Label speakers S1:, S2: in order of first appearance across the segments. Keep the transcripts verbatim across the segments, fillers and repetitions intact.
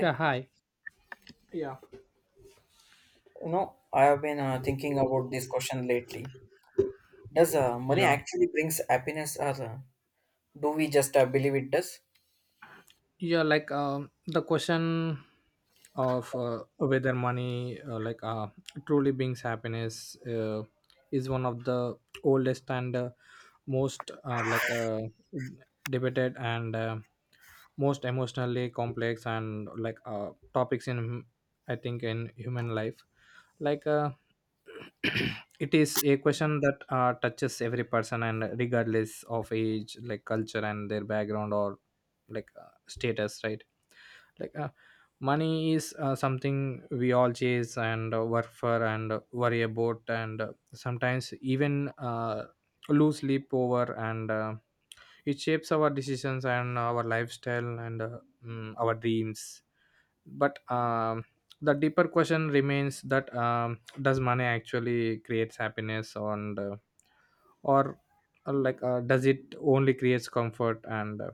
S1: Yeah, hi. Yeah.
S2: you know, I have been uh, thinking about this question lately. Does uh, money
S1: Yeah,
S2: actually brings happiness, or uh, do we just uh, believe it does?
S1: yeah. Like um, the question of uh, whether money, uh, like uh, truly brings happiness, uh, is one of the oldest and uh, most uh, like uh, debated and uh, most emotionally complex and like uh, topics in, I think, in human life. Like uh, it is a question that uh, touches every person, and regardless of age, like culture and their background or like uh, status. right like uh, Money is uh, something we all chase and uh, work for and uh, worry about and uh, sometimes even uh, lose sleep over, and uh, it shapes our decisions and our lifestyle and, uh, mm, our dreams. But um, the deeper question remains: that um, does money actually creates happiness, and uh, or uh, like uh, does it only creates comfort? And uh,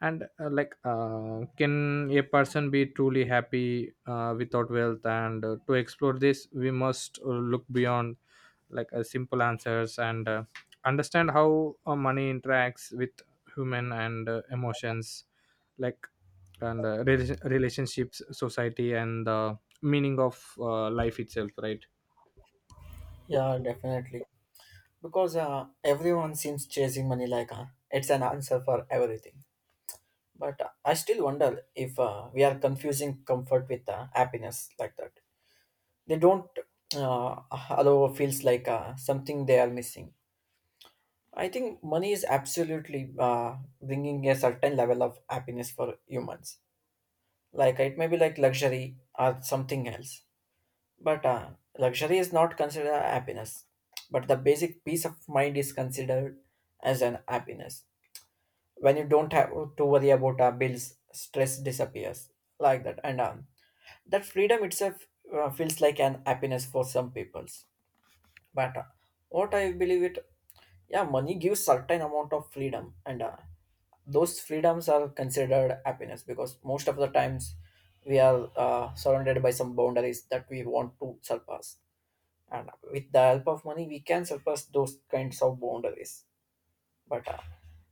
S1: and uh, like uh, Can a person be truly happy uh, without wealth? And uh, to explore this, we must uh, look beyond like uh, simple answers and uh, understand how uh, money interacts with human and uh, emotions, like and uh, relation, relationships, society, and the meaning of uh, life itself. Right
S2: Yeah, definitely. Because uh, everyone seems chasing money like uh, it's an answer for everything. But uh, I still wonder if uh, we are confusing comfort with uh, happiness like that. They don't uh, allow feels like uh, something they are missing. I think money is absolutely uh, bringing a certain level of happiness for humans, like it may be like luxury or something else, but uh, luxury is not considered a happiness, but the basic peace of mind is considered as an happiness when you don't have to worry about uh, bills, stress disappears like that, and um, that freedom itself uh, feels like an happiness for some peoples. But uh, what I believe it, yeah, money gives certain amount of freedom, and uh, those freedoms are considered happiness because most of the times we are uh, surrounded by some boundaries that we want to surpass, and with the help of money we can surpass those kinds of boundaries. But uh,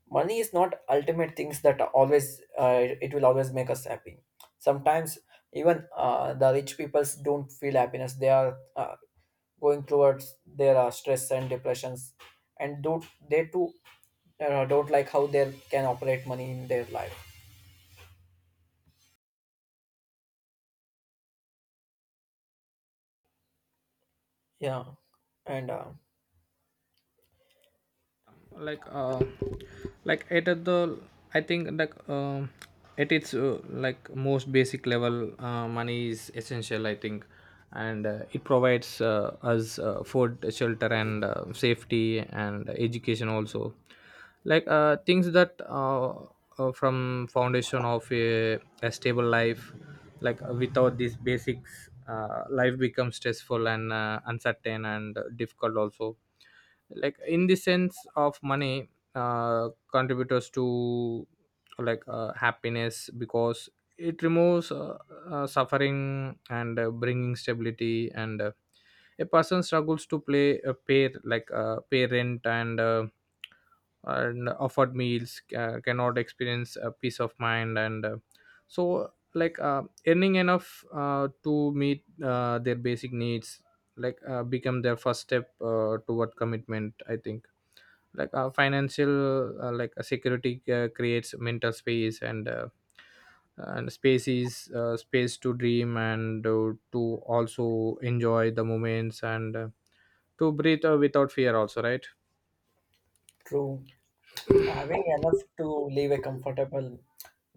S2: money is not ultimate things that are always uh, it will always make us happy. Sometimes even uh, the rich peoples don't feel happiness, they are uh, going towards their uh, stress and depressions, and do they too uh, don't like how they can operate money in their life, yeah. and uh,
S1: like uh like at the I think like um At its uh, like most basic level, uh, money is essential, I think, and uh, it provides uh, us uh, food, shelter, and uh, safety and education also, like uh, things that uh, uh, from foundation of a, a stable life. Like uh, without these basics, uh, life becomes stressful and uh, uncertain and uh, difficult also. Like in the sense of money, uh, contributors to like uh, happiness, because it removes uh, uh, suffering and uh, bringing stability, and uh, a person struggles to play a pair, like uh, pay rent and uh, and offered meals, uh, cannot experience a peace of mind, and uh, so like uh, earning enough uh, to meet uh, their basic needs like uh, become their first step uh, toward commitment, I think. Like uh, financial uh, like uh, security uh, creates mental space, and uh, and space is uh, space to dream and uh, to also enjoy the moments and uh, to breathe uh, without fear also. Right.
S2: True. Having enough to live a comfortable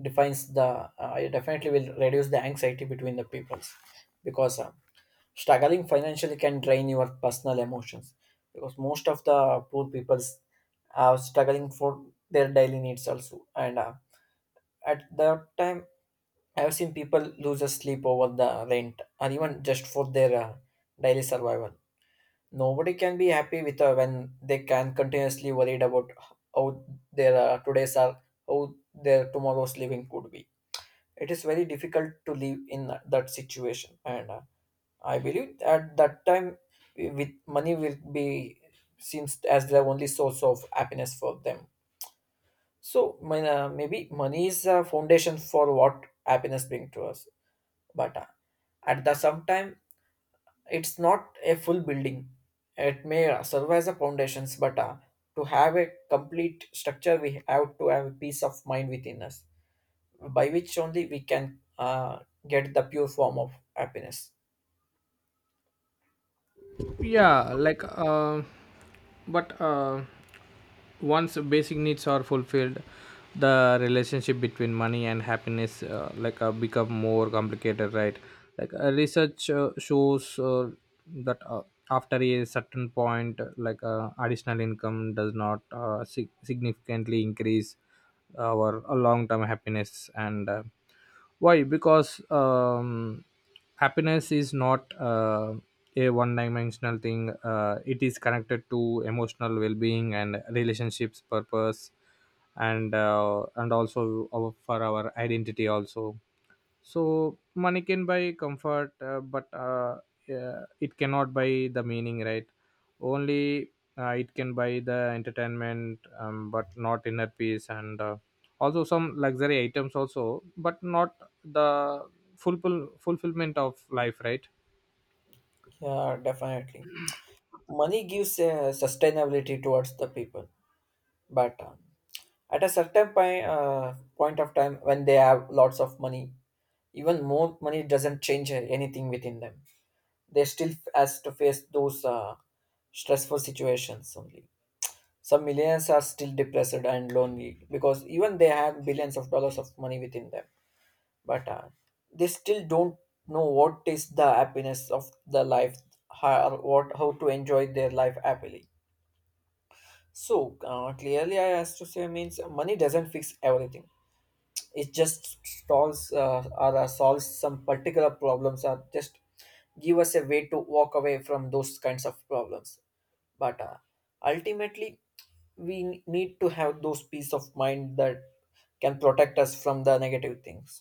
S2: defines the uh, it definitely will reduce the anxiety between the peoples, because uh, struggling financially can drain your personal emotions, because most of the poor peoples are struggling for their daily needs also, and uh, at that time I've seen people lose their sleep over the rent or even just for their uh, daily survival. Nobody can be happy with uh, when they can continuously worried about how their uh, today's are, how their tomorrow's living could be. It is very difficult to live in that situation, and uh, I believe at that time with money will be seems as the only source of happiness for them. So, my, uh, maybe money is a foundation for what happiness brings to us, but uh, at the same time it's not a full building. It may uh, serve as a foundations, but uh, to have a complete structure we have to have a peace of mind within us, by which only we can uh, get the pure form of happiness.
S1: yeah like uh, but uh, Once basic needs are fulfilled, the relationship between money and happiness uh, like uh, become more complicated. Right like uh, research uh, shows uh, that uh, after a certain point, uh, like uh, additional income does not uh, sig- significantly increase our uh, long-term happiness. And uh, why because um, Happiness is not uh, a one dimensional thing. Uh, it is connected to emotional well-being and relationships, purpose, and uh, and also our, for our identity also. So money can buy comfort, uh, but uh, yeah, it cannot buy the meaning. Right. Only uh, it can buy the entertainment, um, but not inner peace, and uh, also some luxury items also, but not the fulfill fulfillment of life. Right.
S2: Yeah, definitely. Money gives uh, sustainability towards the people, but uh, at a certain point, uh, point of time when they have lots of money, even more money doesn't change anything within them. They still f- has to face those uh, stressful situations only. Some millionaires are still depressed and lonely because even they have billions of dollars of money within them, but uh, they still don't know what is the happiness of the life, how or what how to enjoy their life happily. So uh, clearly I has to say means money doesn't fix everything. It just solves uh, or uh, solves some particular problems, or just give us a way to walk away from those kinds of problems. But uh, ultimately, we n- need to have those peace of mind that can protect us from the negative things.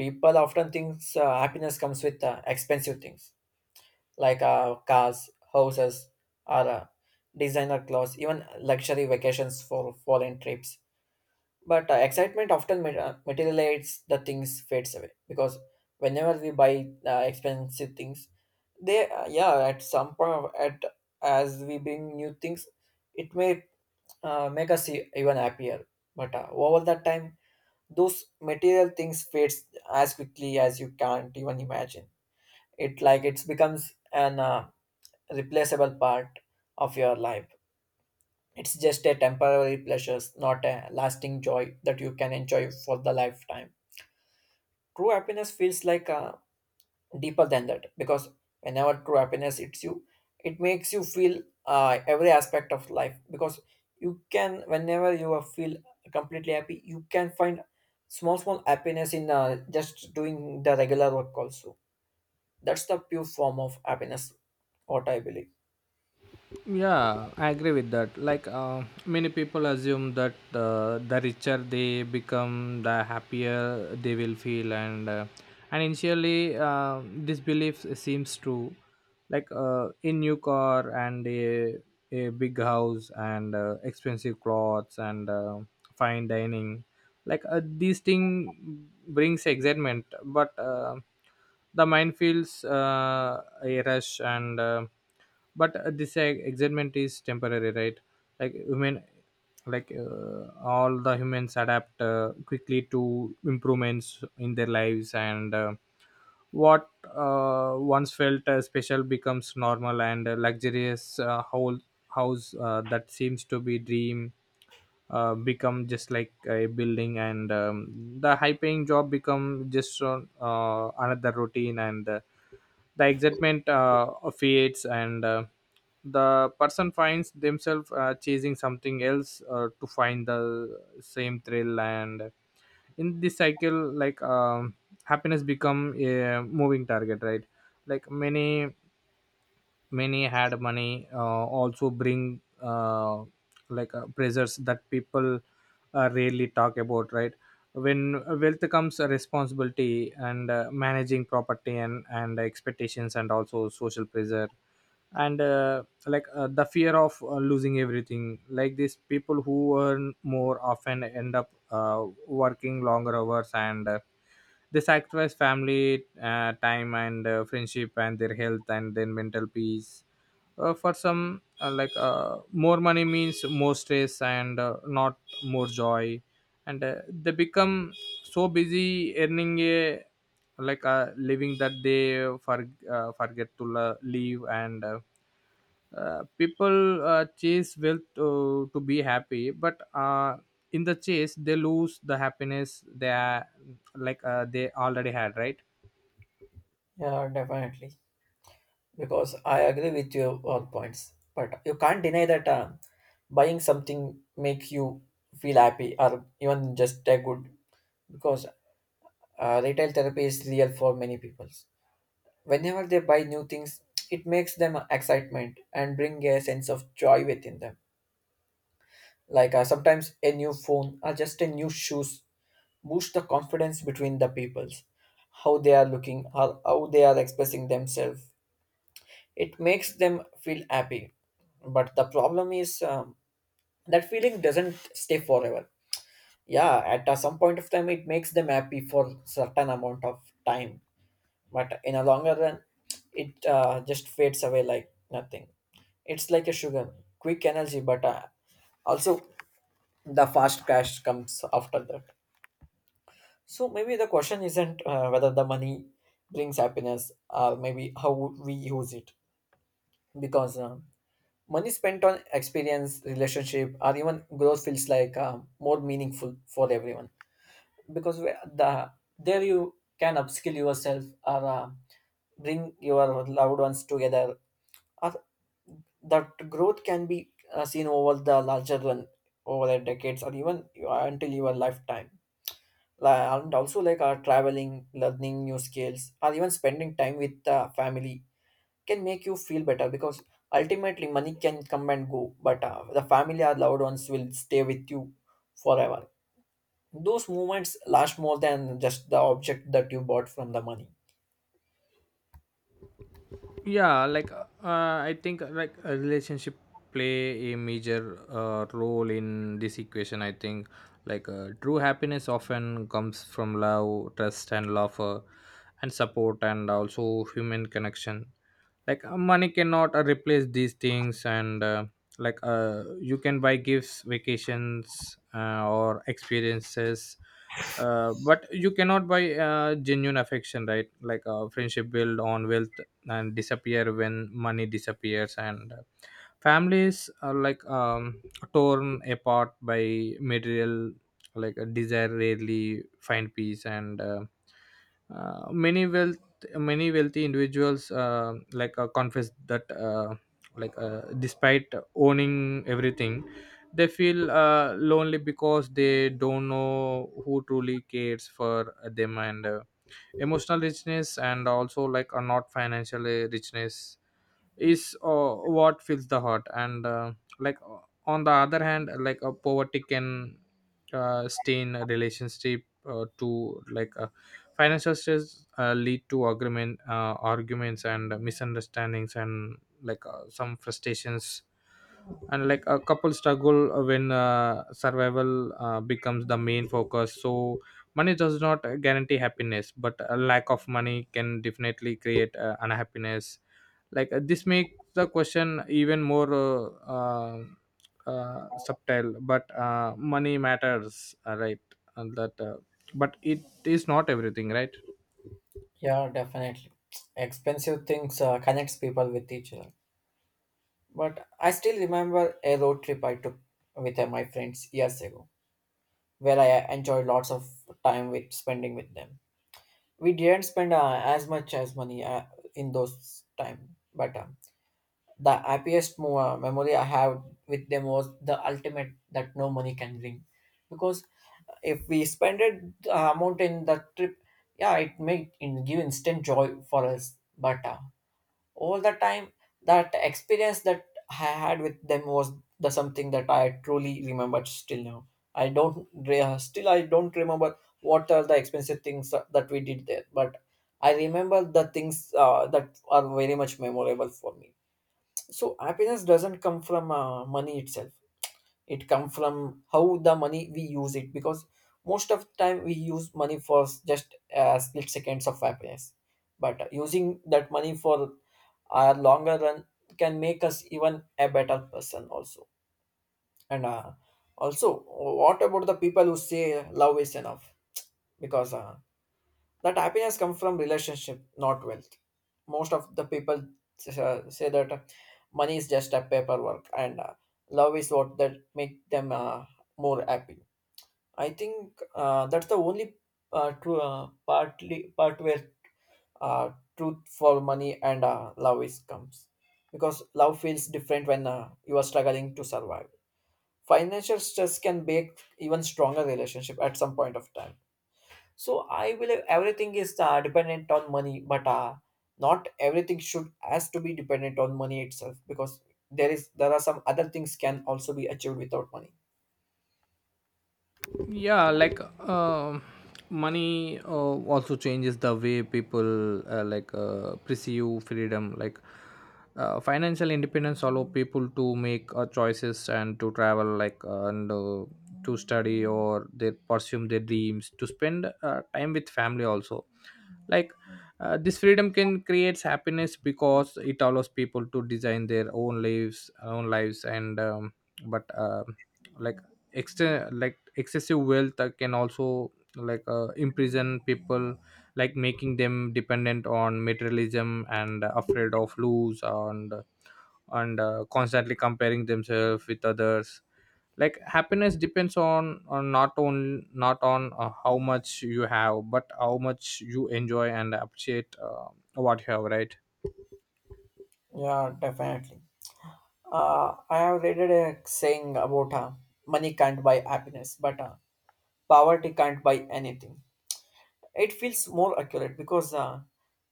S2: People often think uh, happiness comes with uh, expensive things, like uh, cars, houses, or uh, designer clothes, even luxury vacations for foreign trips. But uh, excitement often mat- uh, materializes the things, fades away because whenever we buy uh, expensive things, they uh, yeah at some point of- at as we bring new things, it may uh, make us e- even happier. But uh, over the time, those material things fades as quickly as you can't even imagine. It like it becomes an uh, replaceable part of your life. It's just a temporary pleasures, not a lasting joy that you can enjoy for the lifetime. True happiness feels like uh, deeper than that, because whenever true happiness hits you, it makes you feel uh, every aspect of life, because you can whenever you are feel completely happy, you can find small small happiness in uh, just doing the regular work also. That's the pure form of happiness, what I believe.
S1: Yeah, I agree with that. Like, uh, many people assume that uh, the richer they become, the happier they will feel, and uh, and initially, uh, this belief seems true. Like uh, a new car and a a big house and uh, expensive clothes and uh, fine dining, like uh, these thing brings excitement, but uh, the mind feels uh, a rush, and uh, but uh, this uh, excitement is temporary. Right like women like uh, All the humans adapt uh, quickly to improvements in their lives, and uh, what uh, once felt uh, special becomes normal, and a luxurious uh, whole house uh, that seems to be dream uh, become just like a building, and um, the high paying job become just uh, another routine, and uh, the excitement uh, fades, and uh, the person finds themselves uh, chasing something else uh, to find the same thrill. And in this cycle, like um, happiness become a moving target. right like many Many had money, uh, also bring uh, like uh, pressures that people uh, rarely talk about. Right. When wealth comes a responsibility, and uh, managing property and and expectations, and also social pressure, and uh, like uh, the fear of uh, losing everything. Like these people who earn more often end up uh, working longer hours, and uh, they sacrifice family uh, time, and uh, friendship and their health and then mental peace, uh, for some, uh, like uh, more money means more stress, and uh, not more joy. And uh, They become so busy earning a like a living that they for, uh, forget to la- leave, and uh, uh, people uh, chase wealth to, to be happy, but uh, in the chase they lose the happiness they are like uh, they already had. Right.
S2: Yeah, definitely. Because I agree with your all points, but you can't deny that uh, buying something make you feel happy or even just a good, because uh, retail therapy is real for many people. Whenever they buy new things, it makes them excitement and bring a sense of joy within them. Like uh, sometimes a new phone or just a new shoes boost the confidence between the peoples, how they are looking or how they are expressing themselves, it makes them feel happy. But the problem is um, that feeling doesn't stay forever. Yeah, at uh, some point of time it makes them happy for certain amount of time, but in a longer run it uh, just fades away like nothing. It's like a sugar, quick energy, but uh, also the fast crash comes after that. So maybe the question isn't uh, whether the money brings happiness, or maybe how we use it, because uh, money spent on experience, relationship, or even growth feels like uh, more meaningful for everyone, because we- the there you can upskill yourself, or uh, bring your loved ones together. Or that growth can be uh, seen over the larger run, over the decades, or even uh, until your lifetime. Li- And also like uh, traveling, learning new skills, or even spending time with the family can make you feel better, because ultimately money can come and go, but uh, the family or loved ones will stay with you forever. Those moments last more than just the object that you bought from the money.
S1: Yeah like uh, i think uh, like a relationship play a major uh, role in this equation, I think. Like uh, true happiness often comes from love, trust, and laughter, and support, and also human connection. Like uh, money cannot uh, replace these things, and uh, like uh, you can buy gifts, vacations, uh, or experiences, uh, but you cannot buy uh, genuine affection. Right like uh, friendship built on wealth and disappear when money disappears, and uh, families are like um, torn apart by material like a desire rarely find peace, and uh, uh, many wealth many wealthy individuals uh, like uh, confess that, uh, like uh, despite owning everything, they feel uh, lonely because they don't know who truly cares for them, and uh, emotional richness, and also like a not financial uh, richness, is uh, what fills the heart, and uh, like uh, on the other hand, like a poverty can uh, stain a relationship, uh, to like uh, financial stress uh, lead to argument uh, arguments and misunderstandings, and like uh, some frustrations, and like a couple struggle uh, when uh, survival uh, becomes the main focus. So money does not guarantee happiness, but a lack of money can definitely create uh, unhappiness. Like uh, this makes the question even more uh, uh, uh, subtle, but uh, money matters. Uh, right and that uh, but it is not everything. right
S2: Yeah, definitely. Expensive things uh, connects people with each other. But I still remember a road trip I took with uh, my friends years ago, where I uh, enjoyed lots of time with spending with them. We didn't spend uh, as much as money uh, in those time, but um the happiest mo- memory I have with them was the ultimate that no money can bring. Because if we spend it, the amount in the trip, yeah, it may in, give instant joy for us. But uh, all the time, that experience that I had with them was the something that I truly remembered still now. I don't re- still I don't remember what are the expensive things that we did there, but I remember the things uh, that are very much memorable for me. So happiness doesn't come from uh, money itself, it comes from how the money we use it, because most of the time we use money for s- just uh, split seconds of happiness, but using that money for a longer run can make us even a better person also. And uh, also, what about the people who say love is enough, because uh, that happiness comes from relationship, not wealth. Most of the people uh, say that uh, money is just a paperwork and uh, love is what that make them uh, more happy. I think uh, that's the only uh, true uh, partly part where uh, truth for money and uh, love is comes, because love feels different when uh, you are struggling to survive. Financial stress can make even stronger relationship at some point of time. So I believe everything is uh, dependent on money, but uh, not everything should has to be dependent on money itself, because there is there are some other things can also be achieved without money.
S1: yeah like um Money uh, also changes the way people uh, like uh, pursue freedom. Like uh, financial independence allow people to make uh, choices, and to travel, like uh, and uh, to study, or they pursue their dreams, to spend uh, time with family also. like uh, this freedom can creates happiness because it allows people to design their own lives own lives, and um, but um like extra, like excessive wealth, uh, can also like uh, imprison people, like making them dependent on materialism and afraid of lose, and and uh, constantly comparing themselves with others. Like happiness depends on, on not on not on uh, how much you have, but how much you enjoy and appreciate uh, what you have. Right.
S2: Yeah, definitely. Uh, I have read a saying about uh, money can't buy happiness, but uh, poverty can't buy anything. It feels more accurate because uh,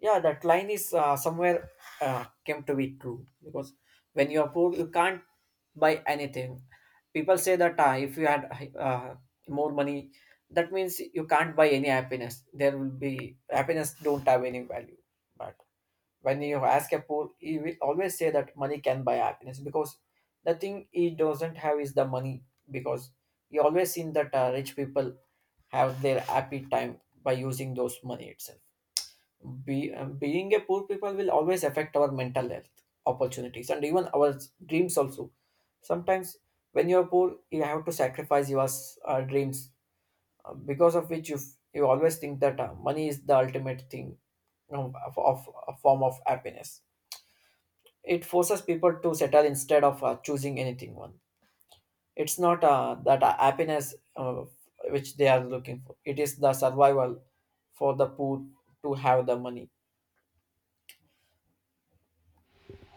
S2: yeah that line is uh, somewhere uh, came to be true because when you are poor you can't buy anything. People say that uh, if you had uh, more money, that means you can't buy any happiness. There will be happiness, don't have any value. But when you ask a poor, he will always say that money can buy happiness because the thing he doesn't have is the money. Because you always seen that uh, rich people have their happy time by using those money itself. Be, uh, being a poor people will always affect our mental health, opportunities, and even our s- dreams also. Sometimes when you're poor you have to sacrifice your s- uh, dreams, uh, because of which you f- you always think that uh, money is the ultimate thing, you know, of, of a form of happiness. It forces people to settle instead of uh, choosing anything one. It's not uh, that uh, happiness uh, which they are looking for, it is the survival for the poor to have the money.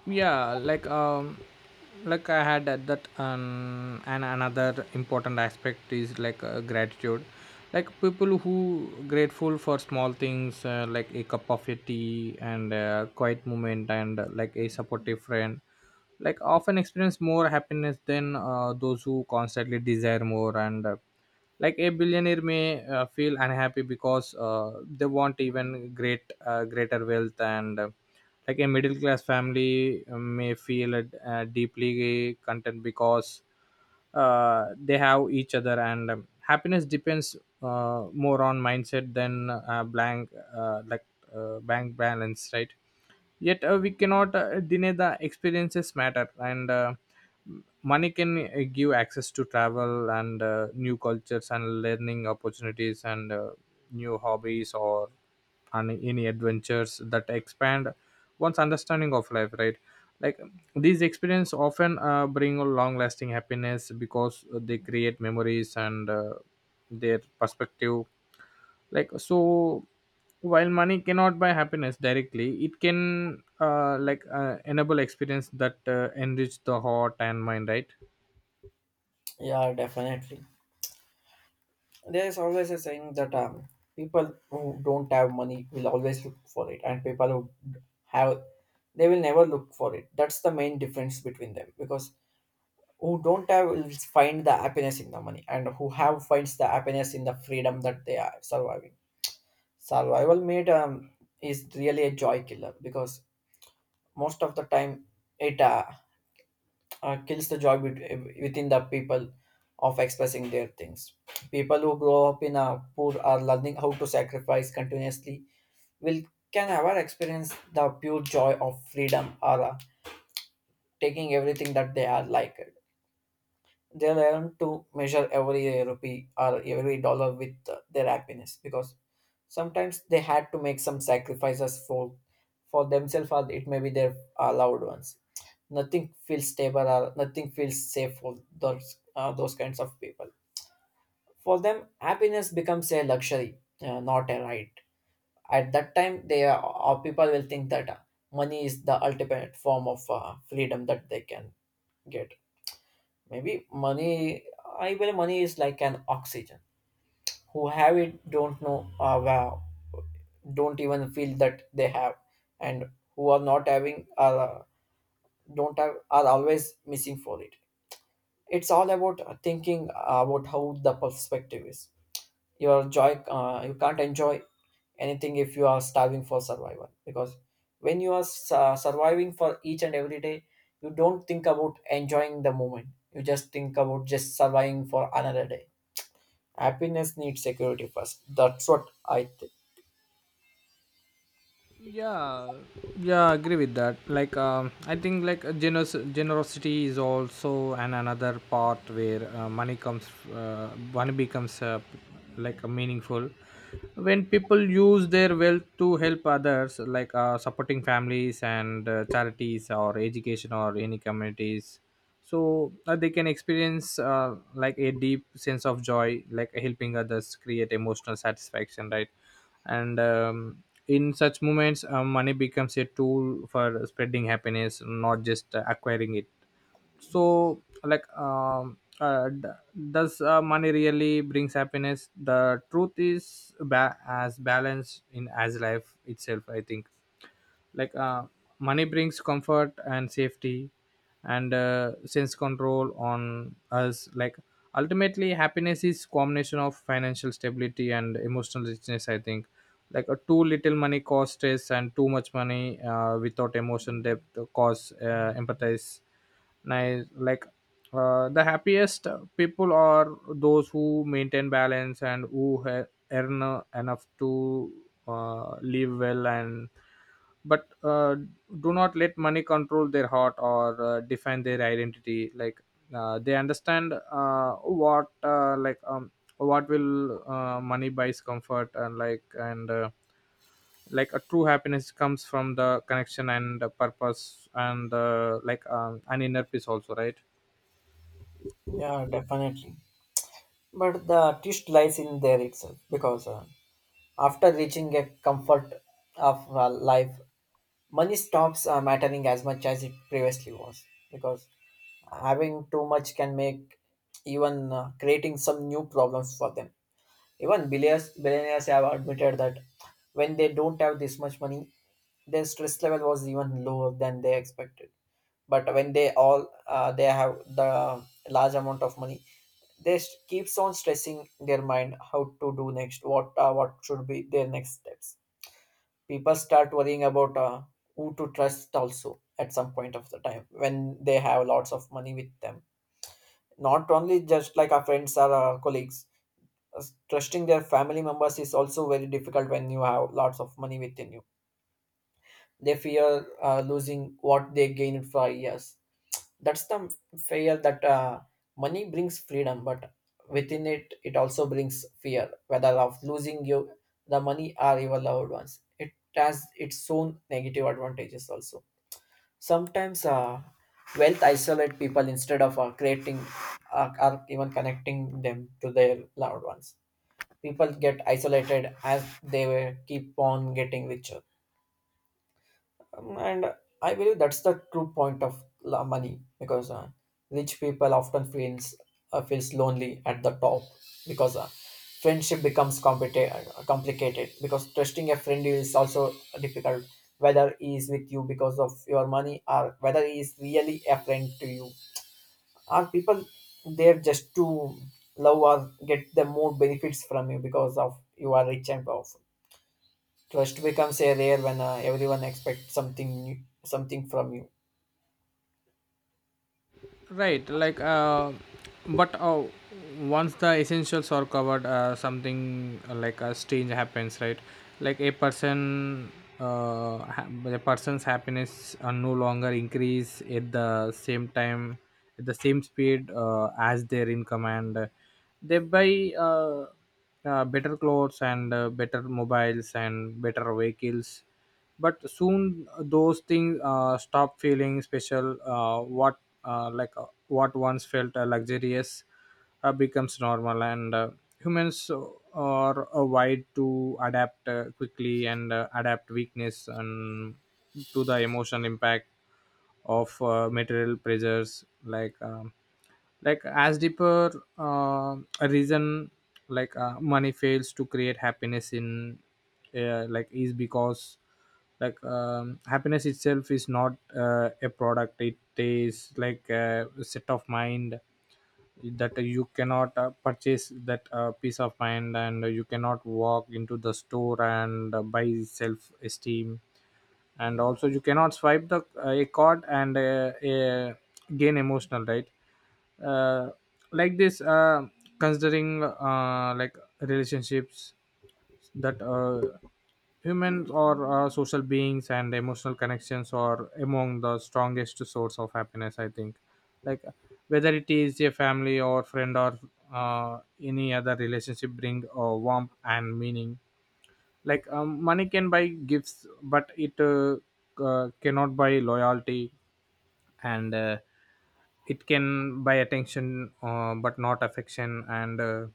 S1: Yeah like um like I had at that um and Another important aspect is like uh, gratitude. Like people who grateful for small things, uh, like a cup of a tea and a quiet moment, and uh, like a supportive friend, like often experience more happiness than uh, those who constantly desire more, and uh, like a billionaire may uh, feel unhappy because uh, they want even great uh, greater wealth, and uh, like a middle class family uh, may feel uh, deeply content because uh, they have each other, and um, happiness depends uh, more on mindset than uh, blank uh, like uh, bank balance. Right. Yet uh, we cannot uh, deny the experiences matter, and uh, m- money can uh, give access to travel, and uh, new cultures, and learning opportunities, and uh, new hobbies, or and any adventures that expand one's understanding of life. right like these experiences often uh, bring a long lasting happiness because they create memories, and uh, their perspective. like so while money cannot buy happiness directly, it can uh, like uh, enable experience that uh, enrich the heart and mind. Right.
S2: Yeah, definitely. There is always a saying that um, people who don't have money will always look for it, and people who have, they will never look for it. That's the main difference between them, because who don't have will find the happiness in the money, and who have finds the happiness in the freedom that they are surviving. Survival meat, um, is really a joy killer because most of the time it uh, uh, kills the joy bet- within the people of expressing their things. People who grow up in a poor are learning how to sacrifice continuously, will, can never experience the pure joy of freedom or uh, taking everything that they are like. They learn to measure every rupee or every dollar with uh, their happiness, because sometimes they had to make some sacrifices for for themselves, or it may be their uh, loved ones. Nothing feels stable or nothing feels safe for those uh, those kinds of people. For them, happiness becomes a luxury, uh, not a right. At that time they are, or people will think that uh, money is the ultimate form of uh, freedom that they can get. Maybe money, I believe money is like an oxygen. Who have it don't know, uh, wow, don't even feel that they have, and who are not having, uh, don't have, are always missing for it. It's all about uh, thinking about how the perspective is. Your joy, uh, you can't enjoy anything if you are starving for survival, because when you are su- surviving for each and every day, you don't think about enjoying the moment, you just think about just surviving for another day. Happiness needs security first. That's what I think.
S1: Yeah yeah Agree with that. Like um, i think like uh, generous generosity is also an another part where uh, money comes uh, money becomes uh, like a meaningful when people use their wealth to help others, like uh, supporting families, and uh, charities, or education, or any communities, so uh, they can experience, uh, like a deep sense of joy. Like helping others create emotional satisfaction. Right. And um, in such moments, uh, money becomes a tool for spreading happiness, not just uh, acquiring it. so like um, uh, d- does uh, money really brings happiness? The truth is ba- as balanced in as life itself, I think. like uh, Money brings comfort and safety, and uh, sense control on us. Like ultimately, happiness is combination of financial stability and emotional richness, I think. Like a too little money cause stress, and too much money uh, without emotion depth cause uh, empathize nice. Like uh, the happiest people are those who maintain balance, and who ha- earn uh, enough to uh, live well and but uh, do not let money control their heart or uh, define their identity. Like uh, they understand uh, what uh, like um, what will uh, money buys comfort. And like and uh, like a true happiness comes from the connection and the purpose and uh, like um, an inner peace also, right?
S2: Yeah, definitely. But the twist lies in there itself because uh, after reaching a comfort of uh, life, money stops uh, mattering as much as it previously was. Because having too much can make even uh, creating some new problems for them. Even billionaires, billionaires have admitted that when they don't have this much money, their stress level was even lower than they expected. But when they all uh, they have the large amount of money, they s- keeps on stressing their mind how to do next, what uh, what should be their next steps. People start worrying about uh, who to trust also at some point of the time when they have lots of money with them. Not only just like our friends or our colleagues, us- trusting their family members is also very difficult when you have lots of money within you. They fear uh, losing what they gained for years. That's the fear that uh, money brings freedom, but within it, it also brings fear, whether of losing you, the money, or your loved ones. It has its own negative advantages also. Sometimes uh, wealth isolate people instead of uh, creating uh, or even connecting them to their loved ones. People get isolated as they were- keep on getting richer. Um, and I believe that's the true point of la- money, because uh, rich people often feels uh, feels lonely at the top, because uh, friendship becomes complicated complicated because trusting a friend is also difficult, whether he is with you because of your money, or whether he is really a friend to you. Are people there just to love, or get the more benefits from you because of you are rich and powerful? Trust becomes a rare when uh, everyone expects something new, something from you.
S1: Right, like, uh, but uh, Once the essentials are covered, uh, something uh, like a strange happens, right? Like a person, uh, ha- a person's happiness uh, no longer increase at the same time, at the same speed uh, as their income, and uh, they buy uh, uh, better clothes and uh, better mobiles and better vehicles. But soon uh, those things uh, stop feeling special. Uh, what uh, like uh, what once felt uh, luxurious uh, becomes normal, and uh, humans uh, are uh, wired to adapt uh, quickly, and uh, adapt weakness and to the emotional impact of uh, material pressures. Like um, like as deeper uh, a reason, like uh, money fails to create happiness in uh, like is because like um, happiness itself is not uh, a product. It is like a set of mind that you cannot uh, purchase. That uh, peace of mind, and you cannot walk into the store and uh, buy self esteem. And also you cannot swipe the uh, a card and uh, uh, gain emotional right. uh, like this uh, Considering uh, like relationships, that uh, humans are uh, social beings, and emotional connections are among the strongest source of happiness, I think. like Whether it is a family or friend or uh, any other relationship, bring uh, warmth and meaning. Like um, money can buy gifts, but it uh, uh, cannot buy loyalty, and uh, it can buy attention, uh, but not affection, and uh,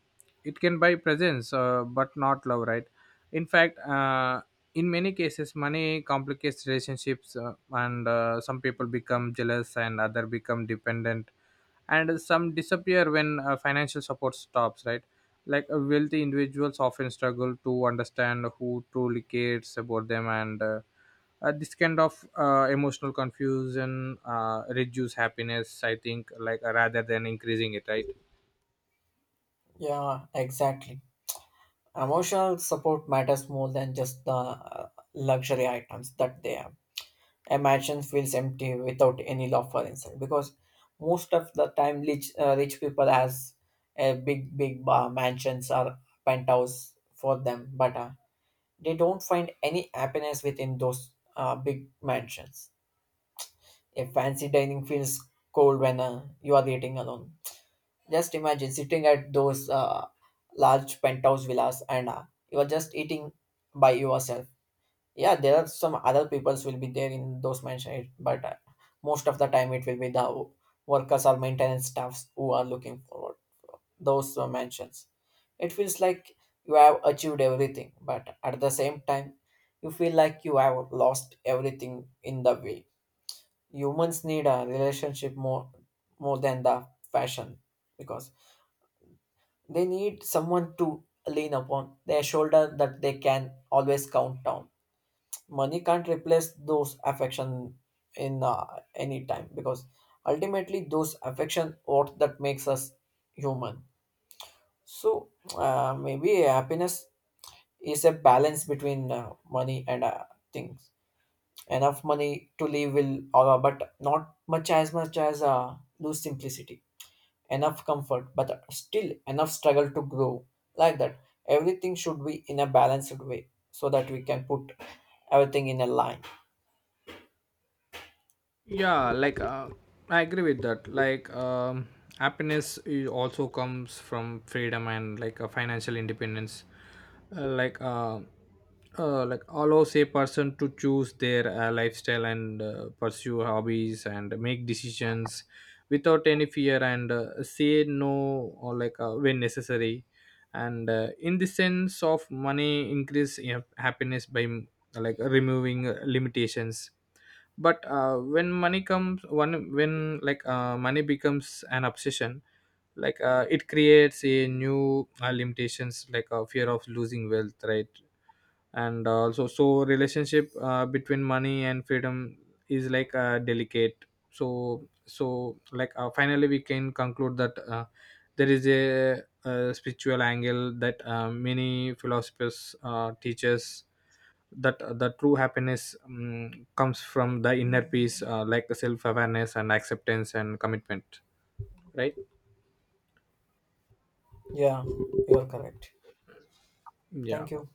S1: it can buy presence, uh, but not love, right? In fact, uh, in many cases money complicates relationships, uh, and uh, some people become jealous and other become dependent, and some disappear when uh, financial support stops, right? Like uh, wealthy individuals often struggle to understand who truly cares about them, and uh, uh, this kind of uh, emotional confusion uh, reduce happiness, I think, like uh, rather than increasing it, right?
S2: Yeah, exactly. Emotional support matters more than just the uh, luxury items that they have. A mansion feels empty without any locker inside, because most of the time, rich, uh, rich people has a big, big uh, mansions or penthouse for them, but uh, they don't find any happiness within those uh, big mansions. A fancy dining feels cold when uh, you are eating alone. Just imagine sitting at those uh, large penthouse villas and uh, you are just eating by yourself. Yeah, there are some other peoples will be there in those mansions, but uh, most of the time it will be the workers or maintenance staffs who are looking for those uh, mansions. It feels like you have achieved everything, but at the same time, you feel like you have lost everything in the way. Humans need a relationship more, more than the fashion, because they need someone to lean upon, their shoulder that they can always count on. Money can't replace those affection in uh, any time, because ultimately those affection what that makes us human. So uh, maybe happiness is a balance between uh, money and uh, things. Enough money to live will, uh, but not much as much as uh, lose simplicity, enough comfort, but still enough struggle to grow. Like that, everything should be in a balanced way so that we can put everything in a line.
S1: Yeah, like uh, I agree with that. Like um, happiness i- also comes from freedom and like a financial independence. uh, like uh, uh, like Allows a person to choose their uh, lifestyle and uh, pursue hobbies and make decisions without any fear, and uh, say no or like uh, when necessary. And uh, in the sense of money increase, you know, happiness by mm, like removing uh, limitations. But uh, when money comes one, when like uh, money becomes an obsession, like uh, it creates a new uh, limitations like a fear of losing wealth, right? And uh, also so relationship uh, between money and freedom is like uh, delicate. So so like uh, finally, we can conclude that uh, there is a, uh spiritual angle that uh, many philosophers uh, teaches that uh, the true happiness um, comes from the inner peace, uh, like self awareness and acceptance and commitment, right?
S2: Yeah, you are correct.
S1: Yeah.
S2: Thank you.